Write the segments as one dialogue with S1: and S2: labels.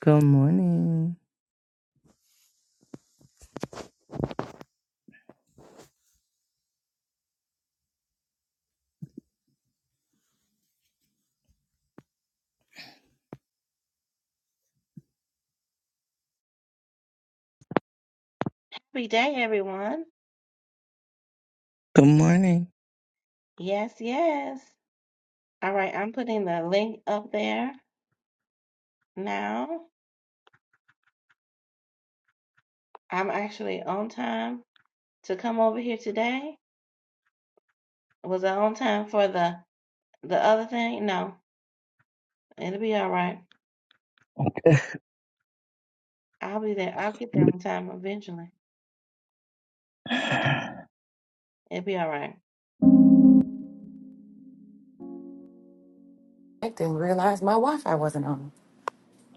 S1: Good morning.
S2: Happy day, everyone.
S1: Good morning.
S2: Yes, yes. All right, I'm putting the link up there now. I'm actually on time to come over here today. Was I on time for the the other thing? No, it'll be all right. I'll be there. I'll get there on time eventually. It'll be all right.
S3: I didn't realize my Wi-Fi wasn't on.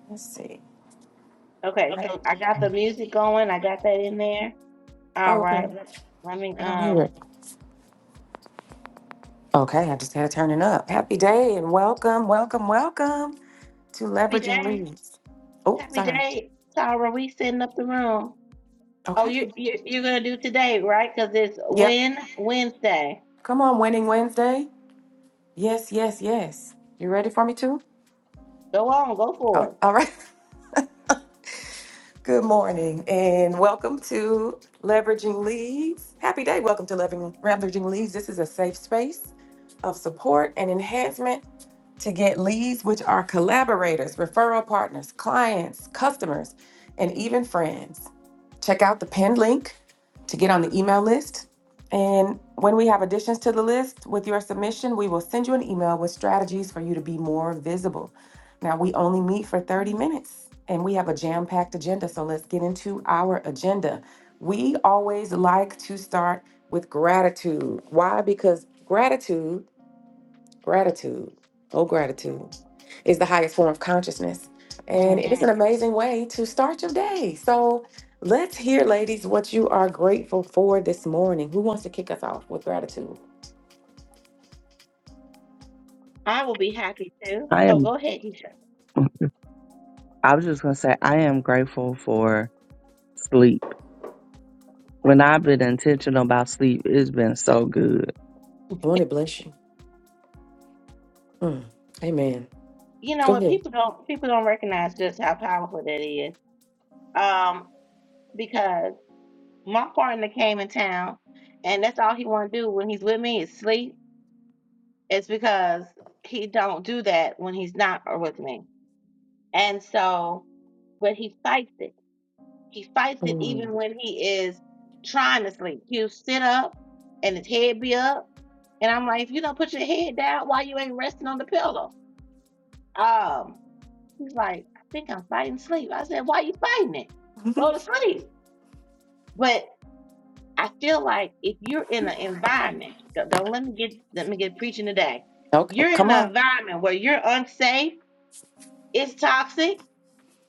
S3: Let's see. I-
S2: Okay, so I got the music going. I got that in there. All
S3: oh, okay.
S2: right. Let let me
S3: I don't hear
S2: um.
S3: it. Okay, I just had to turn it up. Happy day and welcome, welcome, welcome to
S2: Happy
S3: Leveraging
S2: day.
S3: Leads. Oh,
S2: Happy
S3: sorry.
S2: day, Tara. We setting up the room. Oh,
S3: Okay.
S2: you, you you're gonna do today, right? Because it's
S3: Yep.
S2: when Wednesday.
S3: Come on, Winning Wednesday. Yes, yes, yes. You ready for me too?
S2: Go on, go for
S3: Oh,
S2: it.
S3: all right. Good morning and welcome to Leveraging Leads. Happy day. Welcome to Leveraging Leveraging Leads. This is a safe space of support and enhancement to get leads, which are collaborators, referral partners, clients, customers, and even friends. Check out the pinned link to get on the email list. And when we have additions to the list with your submission, we will send you an email with strategies for you to be more visible. Now, we only meet for 30 minutes and we have a jam packed agenda. So let's get into our agenda. We always like to start with gratitude. Why? Because gratitude Gratitude, oh, gratitude is the highest form of consciousness. And it
S2: Mhm.
S3: is an Yes. amazing way to start your day. So let's hear, ladies, what you are grateful for this morning. Who wants to kick us off with gratitude?
S2: I will be happy too.
S1: I
S2: Oh,
S1: am,
S2: go ahead, Keisha.
S1: I was just going to say, I am grateful for sleep. When I've been intentional about sleep, it's been so good.
S3: I want to bless you. Mm, Amen.
S2: You know
S3: Go
S2: what?
S3: ahead.
S2: People don't people don't recognize just how powerful that is. Um, because my partner came in town, and that's all he want to do when he's with me is sleep. It's because he don't do that when he's not with me, and so but he fights it He fights it even
S3: Mm.
S2: when he is trying to sleep. He'll sit up and his head be up. And I'm like, if you don't put your head down, why you ain't resting on the pillow? Um, he's like, I think I'm fighting sleep. I said, why are you fighting it? Go to sleep. But I feel like if you're in an environment, don't, don't let me get let me get preaching today.
S3: Okay,
S2: You're in
S3: come
S2: an
S3: on.
S2: environment where you're unsafe, it's toxic.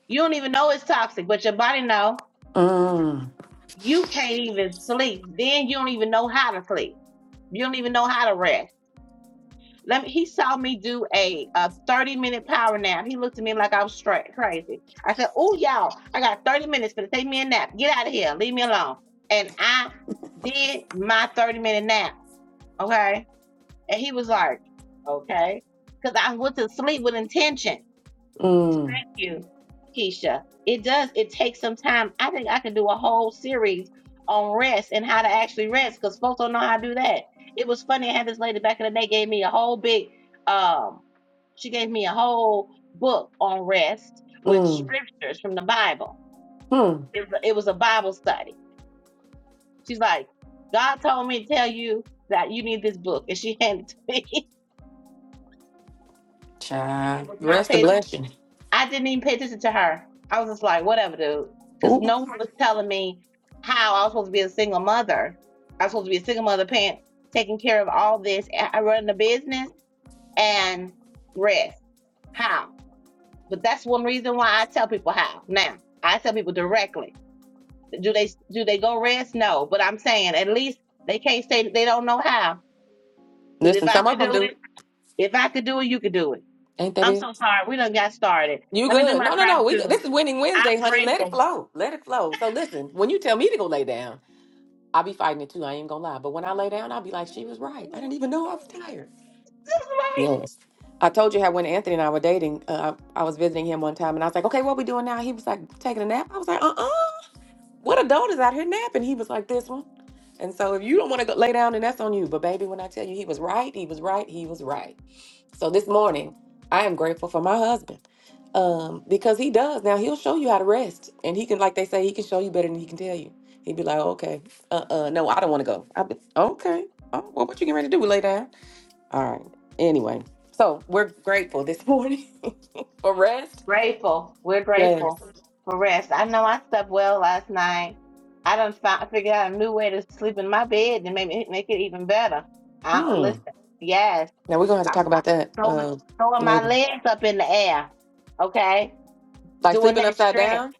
S2: You don't even know it's toxic, but your body know.
S3: Mm,
S2: You can't even sleep. Then you don't even know how to sleep. You don't even know how to rest. Let me, he saw me do a, a 30 minute power nap. He looked at me like I was straight crazy. I said, Oh, y'all, I got 30 minutes for to take me a nap. Get out of here. Leave me alone. And I did my 30 minute nap. Okay. And he was like, Okay. Because I went to sleep with intention.
S3: mm,
S2: Thank you, Keisha. It does. It takes some time. I think I can do a whole series on rest and how to actually rest because folks don't know how to do that. It was funny. I had this lady back in the day gave me a whole big, um, she gave me a whole book on rest with
S3: mm,
S2: scriptures from the Bible.
S3: mm.
S2: It, was- it was a Bible study. She's like, God told me to tell you that you need this book, and she handed it to me. I
S3: Child,
S2: was not
S3: rest the
S2: paying
S3: blessing.
S2: I didn't even pay attention to her. I was just like, whatever, dude. Because
S3: Ooh,
S2: no one was telling me how I was supposed to be a single mother. I was supposed to be a single mother, parent, taking care of all this. and I run the business and rest. How? But that's one reason why I tell people how. Now, I tell people directly. Do they do they go rest? No, but I'm saying at least they can't say that they don't know how. Because if
S3: listen,
S2: I
S3: some of
S2: could
S3: them
S2: do
S3: do.
S2: it, if I could do it, you could do it.
S3: Ain't that
S2: I'm
S3: it?
S2: so sorry. We done got started.
S3: You
S2: Let me do
S3: good?
S2: my
S3: No, no, no. We good.
S2: gratitude.
S3: this is winning Wednesday,
S2: I'm
S3: honey. Let
S2: grateful
S3: it flow. Let it flow. So listen, when you tell me to go lay down, I'll be fighting it too. I ain't gonna lie. But when I lay down, I'll be like, she was right. I didn't even know I was tired.
S2: Just like
S3: Yes. I told you how when Anthony and I were dating, uh, I was visiting him one time, and I was like, okay, what we doing now? He was like, taking a nap. I was like, uh uh What adult is out here napping? He was like, this one. And so if you don't want to go lay down, then that's on you. But baby, when I tell you he was right, he was right, he was right. So this morning, I am grateful for my husband um, because he does. Now, he'll show you how to rest. And he can, like they say, he can show you better than he can tell you. He'd be like, okay, uh uh no, I don't want to go. I'd be, okay. Oh, well, what you getting ready to do? Lay down. All right. Anyway, so we're grateful this morning for rest.
S2: grateful. We're
S3: Yes.
S2: grateful for rest. I know I slept well last night. I done found figured out a new way to sleep in my bed and maybe make it even better.
S3: Hmm.
S2: I listen. Yes,
S3: Now, we're going to have to
S2: I'm
S3: talk about that
S2: throwing,
S3: uh,
S2: throwing my
S3: later.
S2: legs up in the air. Okay,
S3: Like
S2: doing
S3: sleeping
S2: that
S3: upside
S2: stretch,
S3: down?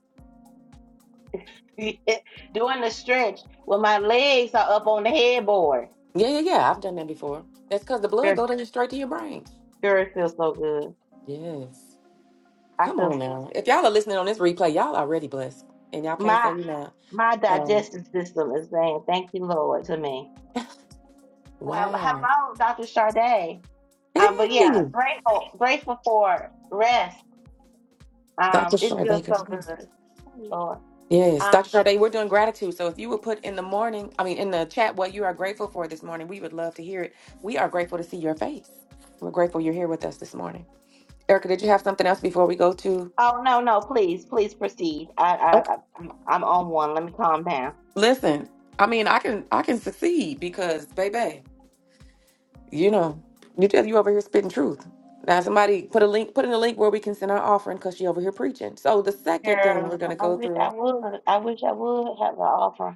S2: doing the stretch when my legs are up on the headboard.
S3: Yeah, yeah, yeah. I've done that before. That's because the blood
S2: Sure,
S3: goes in straight to your brain.
S2: sure, it feels so good.
S3: Yes.
S2: I
S3: Come
S2: feel
S3: on now. If y'all are listening on this replay, y'all already blessed. And y'all can't say
S2: my
S3: you not.
S2: my
S3: Um,
S2: digestive system is saying thank you, Lord, to me. Uh,
S3: wow.
S2: hello, Dr. Sade. Um, but
S3: Hey,
S2: yeah, grateful, grateful for rest.
S3: Dr.
S2: Um, it
S3: Sade,
S2: feels
S3: good
S2: so
S3: morning.
S2: good, Lord.
S3: Yes,
S2: Um,
S3: Dr. Sade, we're doing gratitude. So if you would put in the morning, I mean, in the chat, what you are grateful for this morning, we would love to hear it. We are grateful to see your face. We're grateful you're here with us this morning. Erica, did you have something else before we go to?
S2: oh no, no, please, please proceed. I, I,
S3: Okay.
S2: I- I'm, I'm on one. Let me calm down.
S3: Listen, I mean, I can I can succeed because, baby. You know, you tell you over here spitting truth. Now somebody put a link, put in a link where we can send our offering because she over here preaching. So the second thing
S2: Girl,
S3: we're gonna
S2: I
S3: go
S2: wish I
S3: through
S2: would. I wish I would have an offer.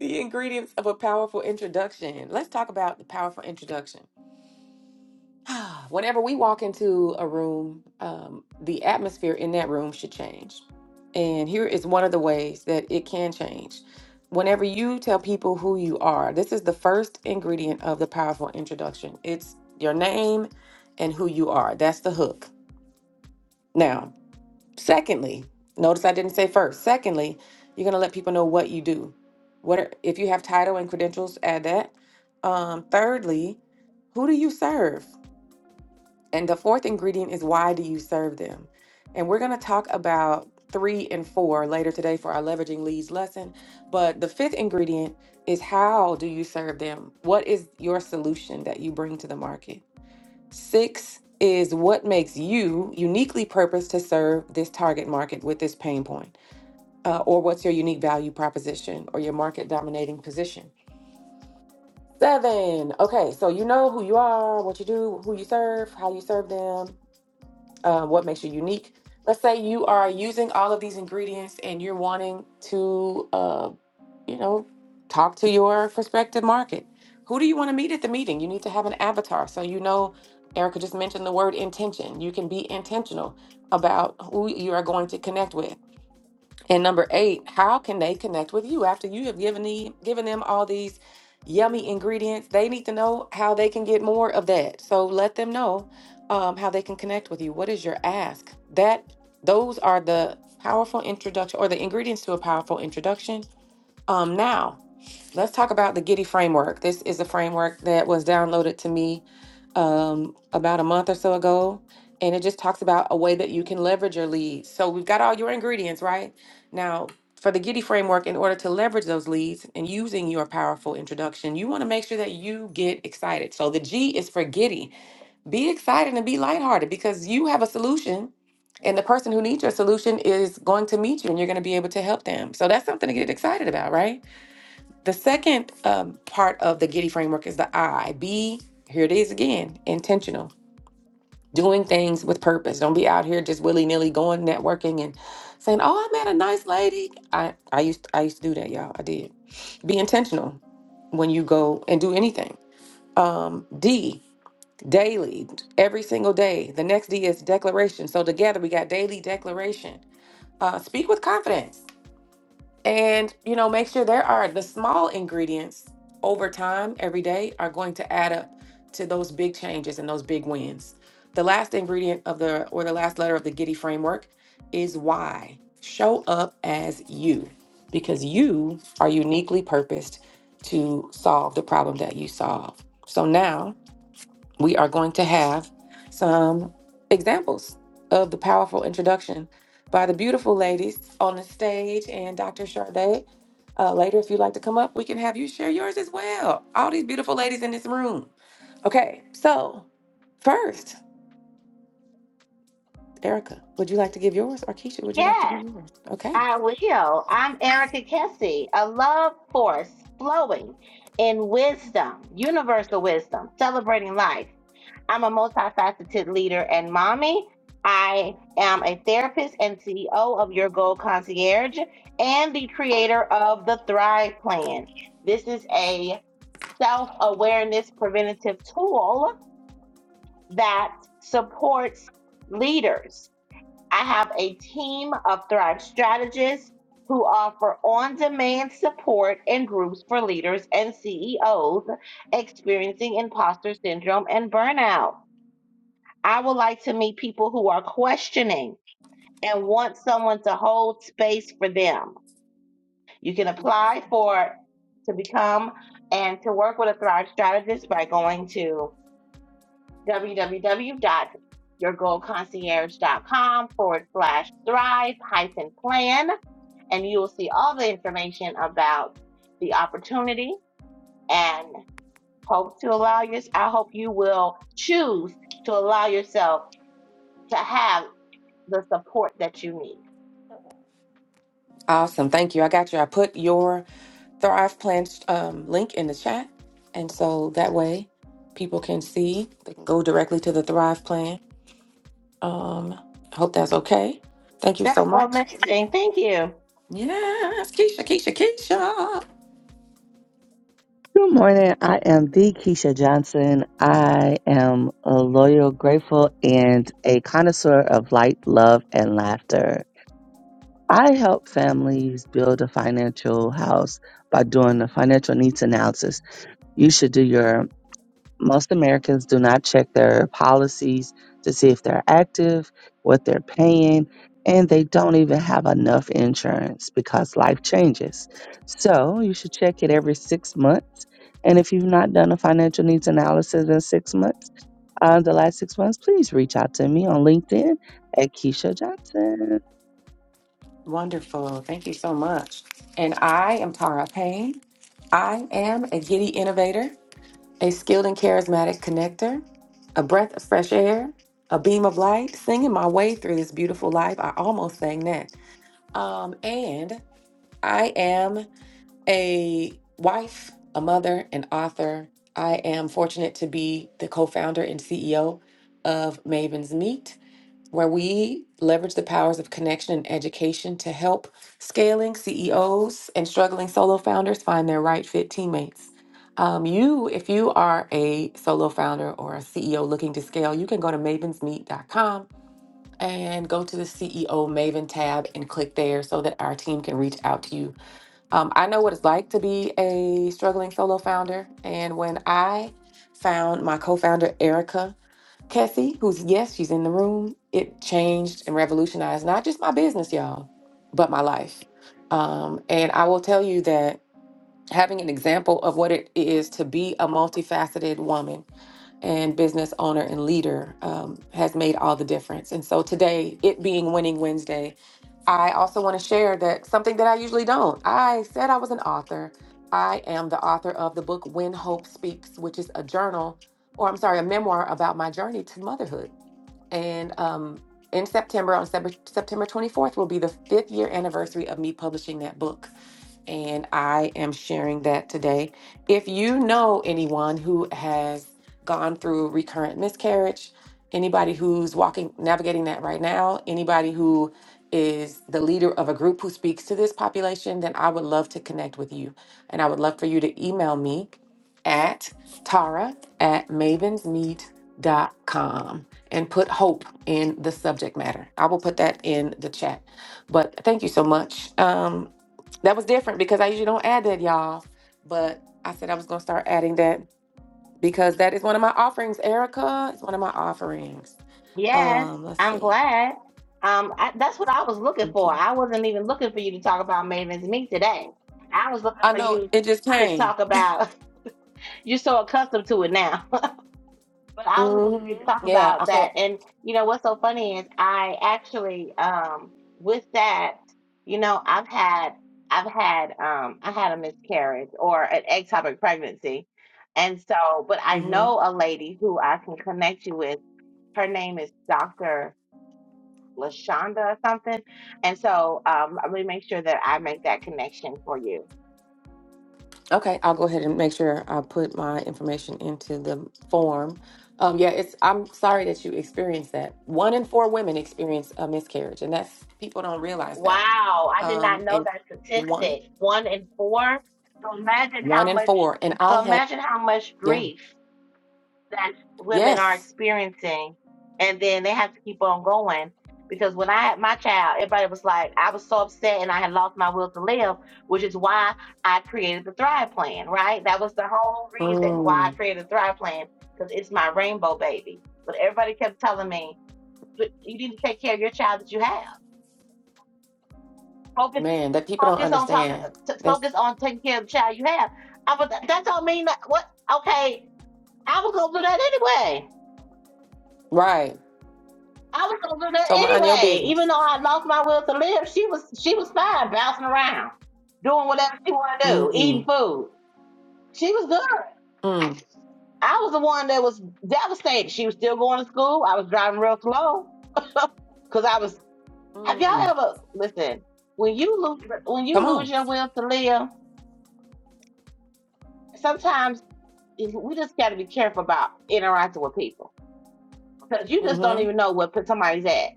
S3: the ingredients of a powerful introduction. Let's talk about the powerful introduction. Whenever we walk into a room, um, the atmosphere in that room should change. And here is one of the ways that it can change. Whenever you tell people who you are, this is the first ingredient of the powerful introduction. It's your name and who you are. That's the hook. Now, secondly, notice I didn't say first. Secondly, you're going to let people know what you do. What are, if you have title and credentials, add that. Um, thirdly, who do you serve? And the fourth ingredient is why do you serve them? And we're going to talk about three and four later today for our leveraging leads lesson. But the fifth ingredient is how do you serve them? What is your solution that you bring to the market? Six is what makes you uniquely purposed to serve this target market with this pain point, uh, or what's your unique value proposition or your market dominating position. Seven, okay, so you know who you are, what you do, who you serve, how you serve them, uh, what makes you unique. Let's say you are using all of these ingredients and you're wanting to. uh, you know, talk to your prospective market. Who do you want to meet at the meeting? You need to have an avatar. So, you know, Erica just mentioned the word intention. You can be intentional about who you are going to connect with. And number eight, how can they connect with you after you have given, the, given them all these yummy ingredients? They need to know how they can get more of that. So let them know um, how they can connect with you. What is your ask? That those are the powerful introduction or the ingredients to a powerful introduction. Um, now Let's talk about the Giddy framework. This is a framework that was downloaded to me um, about a month or so ago, and it just talks about a way that you can leverage your leads. So we've got all your ingredients, right? Now, for the Giddy framework, in order to leverage those leads and using your powerful introduction, you want to make sure that you get excited. So the G is for Giddy. Be excited and be lighthearted because you have a solution. And the person who needs your solution is going to meet you and you're going to be able to help them. So that's something to get excited about, right? The second um, part of the Giddy framework is the I. Be, here it is again, intentional. Doing things with purpose. Don't be out here just willy nilly going networking and saying, "Oh, I met a nice lady." I I used I used to do that, y'all. I did. Be intentional when you go and do anything. Um, D daily, every single day. The next D is declaration. So together we got daily declaration. Uh, speak with confidence. And, you know, make sure there are the small ingredients over time, every day, are going to add up to those big changes and those big wins. The last ingredient of the, or the last letter of the Giddy framework is why. Show up as you, because you are uniquely purposed to solve the problem that you solve. So now, we are going to have some examples of the powerful introduction by the beautiful ladies on the stage and Dr. Charday. Uh, later, if you'd like to come up, we can have you share yours as well. All these beautiful ladies in this room. Okay, so first, Erica, would you like to give yours? Or Keisha, would you like to give
S2: Yes,
S3: yours? Okay,
S2: I will. I'm Erica Kessie, a love force flowing in wisdom, universal wisdom, celebrating life. I'm a multifaceted leader and mommy. I am a therapist and CEO of Your Goal Concierge and the creator of the Thrive Plan. This is a self awareness preventative tool that supports leaders. I have a team of Thrive strategists who offer on demand support and groups for leaders and CEOs experiencing imposter syndrome and burnout. I would like to meet people who are questioning and want someone to hold space for them. You can apply for to become and to work with a Thrive strategist by going to www.yourgoalconcierge.com forward slash thrive hyphen plan. And you will see all the information about the opportunity and hope to allow your, I hope you will choose to allow yourself to have the support that you need.
S3: awesome. Thank you. I got you. I put your Thrive Plan um, link in the chat. And so that way people can see, they can go directly to the Thrive Plan Um, I hope that's okay. Thank you so
S2: That's
S3: much.
S2: amazing. Thank you.
S3: Yes, Keisha, Keisha, Keisha.
S1: Good morning. I am the Keisha Johnson. I am a loyal, grateful, and a connoisseur of light, love, and laughter. I help families build a financial house by doing a financial needs analysis. You should do your most Americans do not check their policies to see if they're active, what they're paying, and they don't even have enough insurance because life changes. So you should check it every six months. And if you've not done a financial needs analysis in six months, uh, the last six months, please reach out to me on LinkedIn at Keisha Johnson.
S3: Wonderful. Thank you so much. And I am Tara Payne. I am a giddy innovator, a skilled and charismatic connector, a breath of fresh air, a beam of light, singing my way through this beautiful life. I almost sang that. Um, and I am a wife, a mother, an author. I am fortunate to be the co founder and CEO of Maven's Meet, where we leverage the powers of connection and education to help scaling CEOs and struggling solo founders find their right fit teammates. Um, you, if you are a solo founder or a CEO looking to scale, you can go to mavensmeet.com and go to the CEO Maven tab and click there so that our team can reach out to you um, I know what it's like to be a struggling solo founder. And when I found my co founder, Erica Kessie, who's, yes, she's in the room, it changed and revolutionized not just my business, y'all, but my life. Um, and I will tell you that having an example of what it is to be a multifaceted woman and business owner and leader um, has made all the difference. And so today, it being Winning Wednesday, I also want to share that something that I usually don't. I said I was an author. I am the author of the book When Hope Speaks, which is a journal, or I'm sorry, a memoir about my journey to motherhood. And um, in September, on Sep- September 24th, will be the fifth year anniversary of me publishing that book and I am sharing that today. If you know anyone who has gone through recurrent miscarriage, anybody who's walking navigating that right now, anybody who is the leader of a group who speaks to this population, then I would love to connect with you. And I would love for you to email me at tara at mavensmeet.com and put hope in the subject matter. I will put that in the chat. But thank you so much. Um, that was different because I usually don't add that, y'all. But I said I was gonna start adding that because that is one of my offerings, Erica. It's one of my offerings.
S2: Yes,
S3: Um, let's
S2: I'm
S3: see.
S2: glad. Um, I, that's what I was looking for.
S3: Okay.
S2: I wasn't even looking for you to talk about Maven's Meet today. I was looking
S3: I
S2: for
S3: know
S2: you
S3: it just
S2: to
S3: came.
S2: talk about. You're so accustomed to it now. But I was going to
S3: Mm-hmm.
S2: talk
S3: Yeah, I
S2: about that,
S3: felt.
S2: and you know what's so funny is I actually um, with that, you know, I've had I've had um, I had a miscarriage or an ectopic pregnancy, and so but I
S3: Mm-hmm.
S2: know a lady who I can connect you with. Her name is Doctor Lashonda or something, and so um, I'm going to make sure that I make that connection for you.
S3: Okay, I'll go ahead and make sure I put my information into the form. Um, yeah, it's. I'm sorry that you experienced that. One in four women experience a miscarriage, and that's people don't realize that.
S2: Wow, I did
S3: Um,
S2: not know
S3: and
S2: that
S3: one,
S2: statistic. One in four. So imagine
S3: one
S2: how
S3: in
S2: much.
S3: four, and I
S2: So
S3: had.
S2: imagine how much
S3: Yeah
S2: grief that women are
S3: Yes.
S2: experiencing, and then they have to keep on going. Because when I had my child, everybody was like, I was so upset and I had lost my will to live, which is why I created the Thrive Plan, right? That was the whole reason why I
S3: Mm,
S2: created the Thrive Plan, because it's my rainbow baby. But everybody kept telling me, "But you need to take care of your child that you have. Focus
S3: man, that people don't
S2: focus on talking
S3: understand.
S2: to
S3: That's
S2: focus on taking care of the child you have. I was that don't mean that what okay, I was gonna do that anyway.
S3: right.
S2: I was gonna do that
S3: So mind your
S2: anyway. Even
S3: business.
S2: though I lost my will to live, she was she was fine bouncing around, doing whatever she wanted to do, eating
S3: Mm,
S2: food. She was good.
S3: mm,
S2: I was the one that was devastated. She was still going to school. I was driving real slow because I was have y'all
S3: mm.
S2: ever listen, when you lose when
S3: Come
S2: you lose
S3: on.
S2: your will to live, sometimes we just got to be careful about interacting with people because you just don't
S3: Mm-hmm.
S2: even know what somebody's at,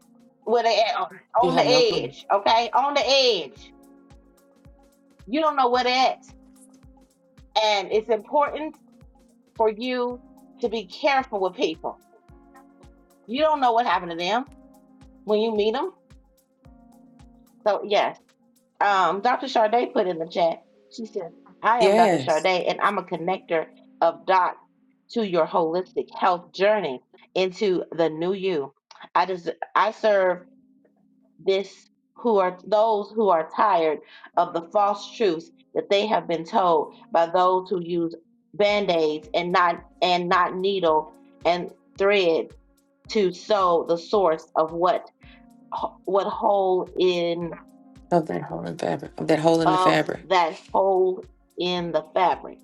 S2: where they at on,
S3: You
S2: on
S3: have
S2: the
S3: no clue.
S2: edge. Okay, on the edge. You don't know where they at, and it's important for you to be careful with people. You don't know what happened to them when you meet them. So yes, um, Dr. Charday put in the chat. She said, "I am Dr.
S3: Yes.
S2: Charday, and I'm a connector of dots to your holistic health journey into the new you. I just I serve." this who are those who are tired of the false truths that they have been told by those who use band-aids and not and not needle and thread to sew the source of what what hole in
S3: Of that hole in fabric. Of that hole in the
S2: of
S3: fabric.
S2: that hole in the fabric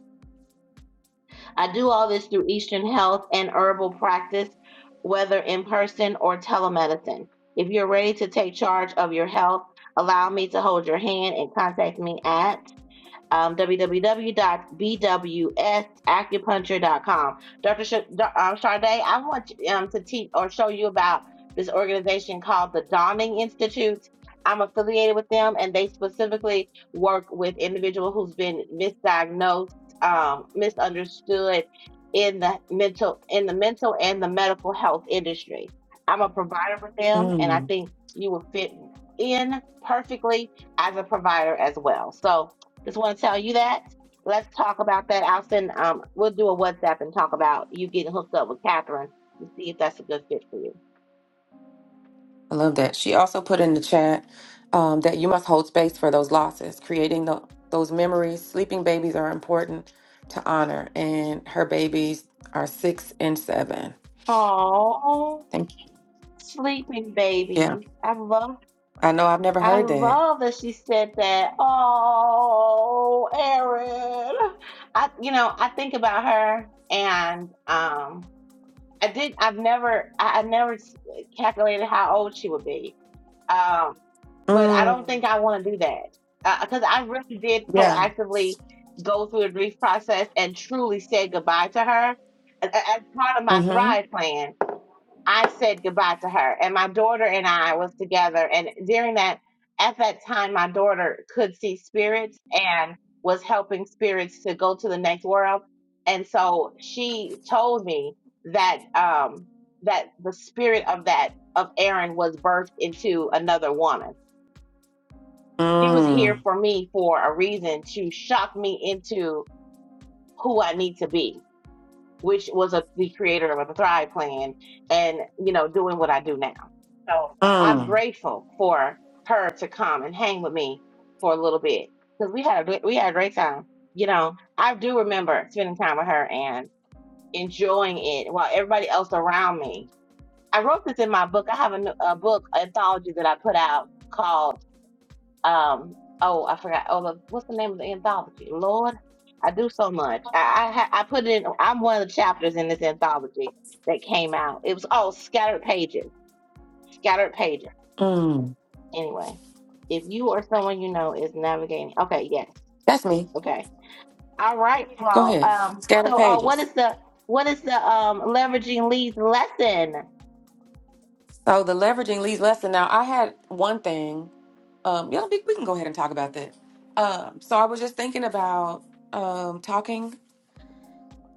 S2: I do all this through Eastern Health and herbal practice, whether in person or telemedicine. If you're ready to take charge of your health, allow me to hold your hand and contact me at um, www.bwsacupuncture.com. Dr. Sh- um, Sade, I want um, to teach or show you about this organization called the Dawning Institute. I'm affiliated with them, and they specifically work with individuals who's been misdiagnosed, um, misunderstood in the mental in the mental and the medical health industry. I'm a provider for them, and I
S3: Mm,
S2: think you will fit in perfectly as a provider as well. So just want to tell you that. Let's talk about that. I'll send. Um, we'll do a WhatsApp and talk about you getting hooked up with Catherine to see if that's a good fit for you.
S3: I love that. She also put in the chat um, that you must hold space for those losses, creating the, those memories. Sleeping babies are important to honor, and her babies are six and seven.
S2: Oh,
S3: Thank
S2: sleeping
S3: you. Yeah,
S2: baby. I love.
S3: I know. I've never
S2: I
S3: heard that.
S2: love that she said that. Oh, Erin. I, you know, I think about her and um, I did. I've never. I, I never s- calculated how old she would be. Um, but I don't
S3: Mm,
S2: think I want to do that because I really did
S3: yeah.
S2: proactively go through the grief process and truly said goodbye to her a- a- as part of my
S3: Mm-hmm.
S2: Thrive plan. I said goodbye to her, and my daughter and I was together. And during that, at that time, my daughter could see spirits and was helping spirits to go to the next world. And so she told me that um, that the spirit of that of Aaron was birthed into another woman. She was here
S3: Mm,
S2: for me for a reason to shock me into who I need to be which was a, the creator of a Thrive Plan, and you know, doing what I do now. So I'm
S3: mm,
S2: grateful for her to come and hang with me for a little bit because we had a, we had a great time. You know, I do remember spending time with her and enjoying it while everybody else around me. I wrote this in my book. I have a a book anthology that I put out called. Um, oh, I forgot. Oh, the, what's the name of the anthology? Lord, I do so much. I I, I put it in. I'm one of the chapters in this anthology that came out. It was oh, scattered pages, scattered pages.
S3: mm.
S2: Anyway, if you or someone you know is navigating, okay, yes,
S3: That's me.
S2: okay, all right,
S3: Go
S2: well,
S3: ahead.
S2: um,
S3: Scanning
S2: so oh, what
S3: pages.
S2: is the what is the um leveraging leads lesson?
S3: So the leveraging leads lesson. Now, I had one thing Um, yeah, we, we can go ahead and talk about that. Um, so I was just thinking about um, talking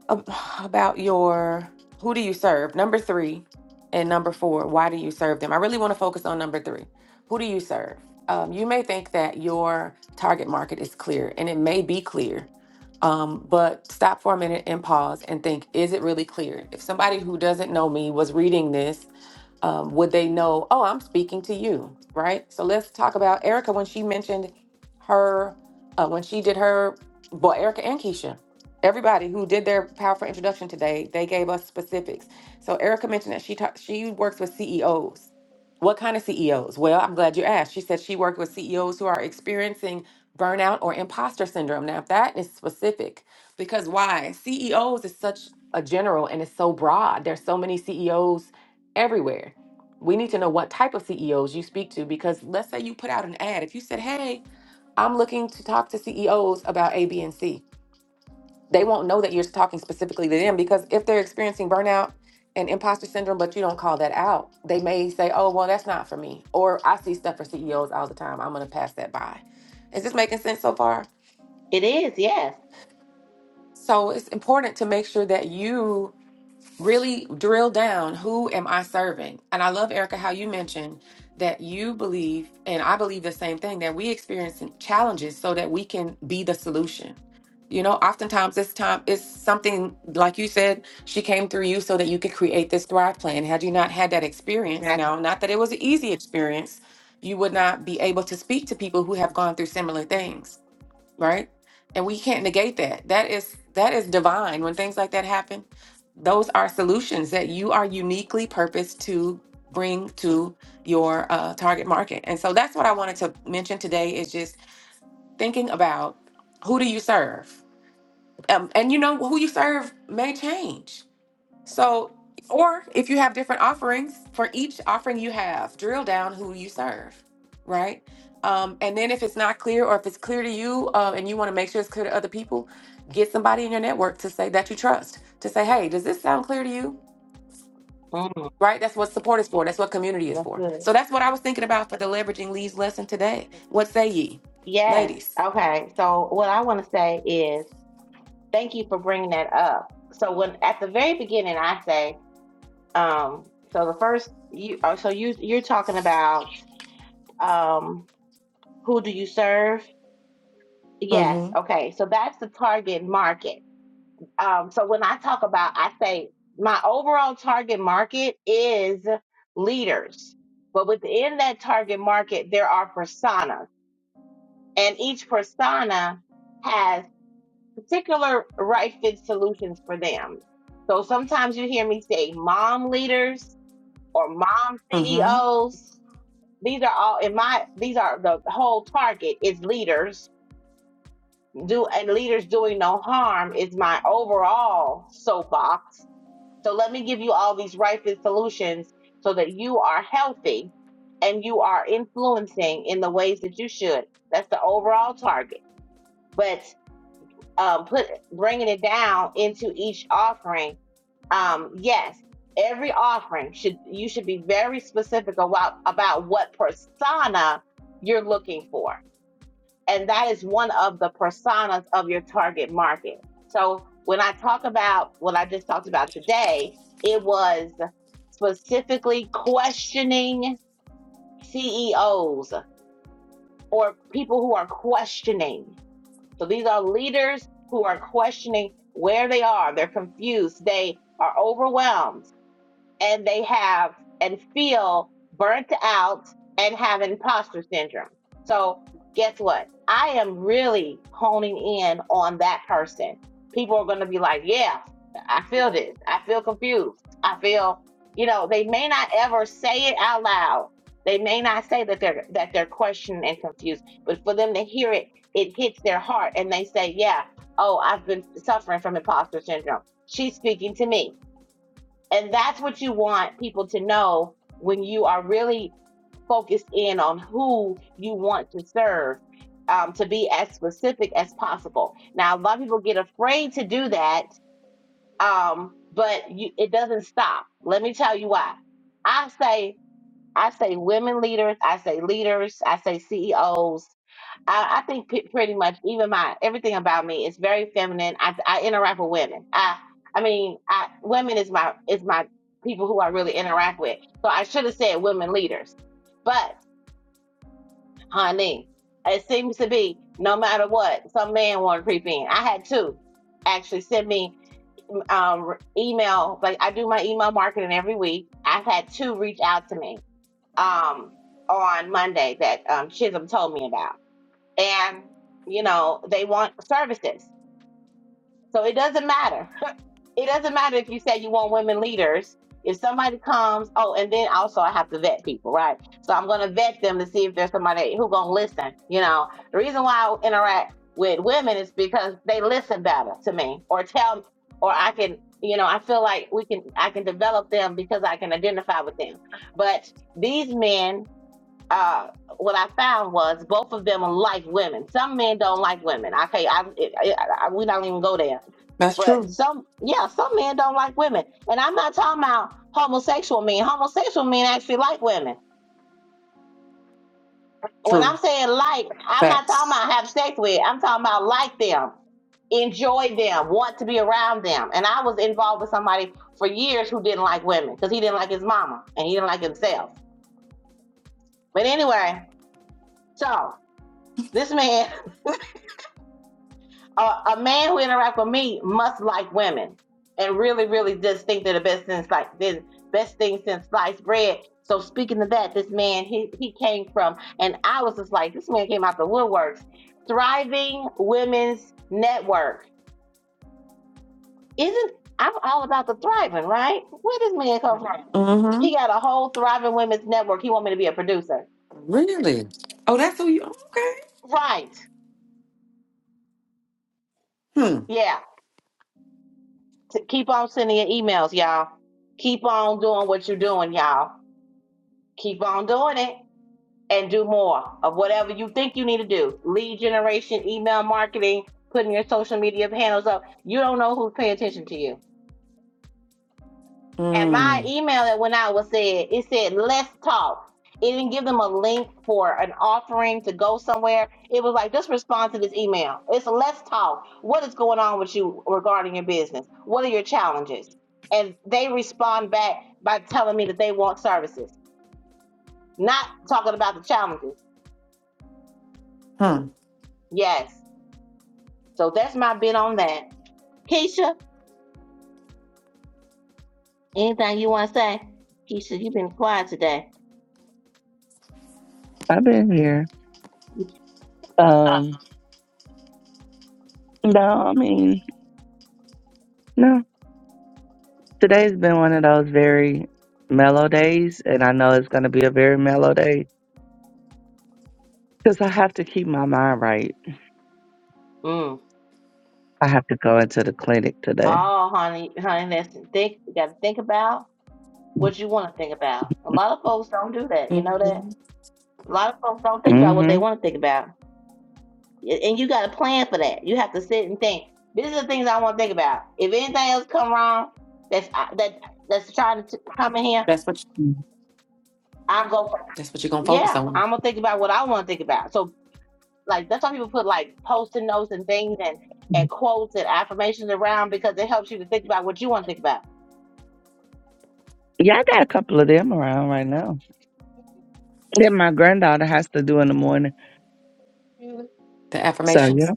S3: ab- about your who do you serve? Number three and number four. Why do you serve them? I really want to focus on number three. Who do you serve? Um, you may think that your target market is clear, and it may be clear, um, but stop for a minute and pause and think: Is it really clear? If somebody who doesn't know me was reading this um, would they know oh i'm speaking to you right so let's talk about erica when she mentioned her uh, when she did her well erica and keisha everybody who did their powerful introduction today they gave us specifics so erica mentioned that she ta- she works with ceos what kind of ceos well i'm glad you asked she said she worked with ceos who are experiencing burnout or imposter syndrome now that is specific because why ceos is such a general and it's so broad there's so many ceos everywhere. We need to know what type of CEOs you speak to because let's say you put out an ad. If you said, hey, I'm looking to talk to CEOs about A, B, and C, they won't know that you're talking specifically to them because if they're experiencing burnout and imposter syndrome, but you don't call that out, they may say, oh, well, that's not for me. Or I see stuff for CEOs all the time. I'm going to pass that by. Is this making sense so far?
S2: It is yes,
S3: So it's important to make sure that you really drill down who am I serving? And I love, Erica, how you mentioned that you believe, and I believe the same thing, that we experience challenges so that we can be the solution. You know, oftentimes this time it's something like you said, she came through you so that you could create this Thrive plan. Had you not had that experience
S2: exactly.
S3: now, not that it was an easy experience, you would not be able to speak to people who have gone through similar things right? And we can't negate that. That is that is divine. When things like that happen, those are solutions that you are uniquely purposed to bring to your uh, target market. And so that's what I wanted to mention today is just thinking about who do you serve, um, and you know who you serve may change so, or if you have different offerings for each offering you have, drill down who you serve, right? Um, and then if it's not clear, or if it's clear to you, uh, and you want to make sure it's clear to other people, get somebody in your network to say that you trust to say, "Hey, does this sound clear to you?"
S2: Mhm. Mm,
S3: Right? That's what support is for. That's what community is
S2: that's
S3: for.
S2: good.
S3: So that's what I was thinking about for the leveraging leads lesson today. What say ye,
S2: Yes.
S3: ladies?
S2: Okay. So what I want to say is thank you for bringing that up. So when at the very beginning, I say, um, so the first you, oh, so you you're talking about um, who do you serve? Yes,
S3: Mm-hmm.
S2: okay. So that's the target market. Um, so when I talk about, I say my overall target market is leaders, but within that target market, there are personas, and each persona has particular right fit solutions for them. So sometimes you hear me say mom leaders or mom
S3: Mm-hmm.
S2: CEOs. These are all in my these are the whole target is leaders. Do and leaders doing no harm is my overall soapbox. So let me give you all these right fit solutions so that you are healthy and you are influencing in the ways that you should. That's the overall target. But um, put bringing it down into each offering um, yes, every offering should you should be very specific about about what persona you're looking for, and that is one of the personas of your target market. So when I talk about what I just talked about today, it was specifically questioning CEOs or people who are questioning. So these are leaders who are questioning where they are. They're confused. They are overwhelmed and they have and feel burnt out and have imposter syndrome. So, guess what? I am really honing in on that person. People are going to be like, yeah, I feel this. I feel confused. I feel, you know, they may not ever say it out loud. They may not say that they're that they're questioned and confused, but for them to hear it, it hits their heart and they say, "Yeah, oh, I've been suffering from imposter syndrome. She's speaking to me." And that's what you want people to know when you are really focused in on who you want to serve um, to be as specific as possible. Now, a lot of people get afraid to do that, um, but you, it doesn't stop. Let me tell you why. I say, I say women leaders, I say leaders, I say CEOs, I, I think pe- pretty much even my everything about me is very feminine. I, I interact with women. I I mean, I women is my is my people who I really interact with. So I should have said women leaders, but honey, it seems to be no matter what, some man want to creep in. I had two actually send me um email. Like I do my email marketing every week. I've had two reach out to me um on Monday that um Chisholm told me about and you know they want services so it doesn't matter it doesn't matter if you say you want women leaders if somebody comes oh and then also i have to vet people right so i'm going to vet them to see if there's somebody who going to listen you know the reason why i interact with women is because they listen better to me or tell me, or i can you know i feel like we can i can develop them because i can identify with them but these men uh, what I found was both of them like women. Some men don't like women. Okay, I, it, it, I we don't even go there.
S3: That's
S2: But
S3: true.
S2: some, yeah, some men don't like women. And I'm not talking about homosexual men. Homosexual men actually like women. When I'm
S3: True.
S2: saying like, I'm not talking
S3: Facts.
S2: about have sex with. I'm talking about like them, enjoy them, want to be around them. And I was involved with somebody for years who didn't like women because he didn't like his mama and he didn't like himself. But anyway, so this man a, a man who interacts with me must like women and really, really just think they're the best since like the best thing since sliced bread. So speaking of that, this man he he came from, and I was just like, this man came out the woodworks. Thriving Women's Network isn't I'm all about the thriving, right? Where this man come from?
S3: Mm-hmm.
S2: He got a whole Thriving Women's Network. He want me to be a producer,
S3: Really? Oh, that's who you. Okay.
S2: right?
S3: Hmm.
S2: Yeah. So keep on sending your emails, y'all. Keep on doing what you're doing, y'all. Keep on doing it. and do more of whatever you think you need to do. Lead generation, email marketing, putting your social media handles up. You don't know who's paying attention to you. And
S3: Hmm.
S2: my email that went out was said, it said, let's talk. It didn't give them a link for an offering to go somewhere. It was like, just respond to this email. It's a let's talk. What is going on with you regarding your business? What are your challenges? And they respond back by telling me that they want services, not talking about the challenges.
S3: Hmm.
S2: Yes, So that's my bit on that. Keisha, anything you want to say? Keisha, you've been quiet today.
S1: I've been here. Um, no, I mean, no. Today's been one of those very mellow days, and I know it's going to be a very mellow day because I have to keep my mind right.
S2: Mm.
S1: I have to go into the clinic today.
S2: Oh, honey, honey, that's think. You got to think about what you want to think about. A lot of folks don't do that. You know that.
S3: hmm
S2: A lot of folks don't think about what they
S1: Mm-hmm.
S2: want to think about, and you got to plan for that. You have to sit and think. These are the things I want to think about. If anything else come wrong, that's uh, that that's trying to come in here.
S3: That's what
S2: i will go. For,
S3: that's what you're gonna focus
S2: Yeah,
S3: on.
S2: I'm gonna think about what I want to think about. So Like that's why people put like post-it notes and things and and quotes and affirmations around because it helps you to think about what you want to think about.
S1: Yeah, I got a couple of them around right now. That my granddaughter has to do in the morning.
S2: Mm-hmm.
S3: The
S1: So yeah,
S3: affirmations.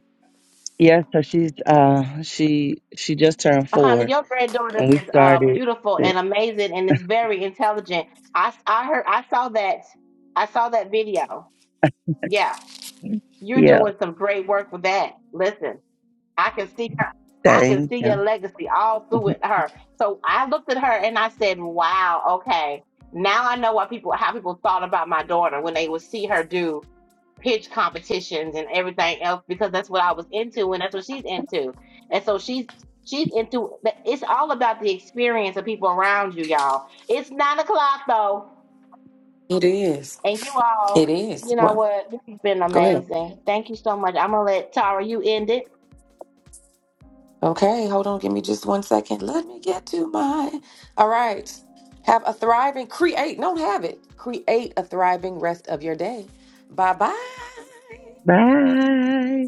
S1: yeah. So she's uh she she just turned
S2: Honey,
S1: four,
S2: your granddaughter
S1: and we
S2: is uh,
S1: started.
S2: beautiful
S1: it.
S2: and amazing, and is very intelligent. I, I heard, I saw that, I saw that video. Yeah, you're
S1: Yeah,
S2: doing some great work with that. Listen, I can see her, I can
S1: thank
S2: see your
S1: you.
S2: legacy all through
S1: Mhm.
S2: with her. So I looked at her and I said, "Wow, okay, now I know why people, how people thought about my daughter when they would see her do pitch competitions and everything else because that's what I was into and that's what she's into. And so she's she's into it's all about the experience of people around you, y'all. It's nine o'clock though,
S3: It is.
S2: and you all,
S3: It is.
S2: you know
S3: What?
S2: what? This has been
S3: Go ahead.
S2: amazing. Thank you so much. I'm gonna let Tara you end it.
S3: Okay, hold on. Give me just one second. Let me get to mine. All right. Have a thriving create. Don't have it. Create a thriving rest of your day. Bye bye.
S1: Bye.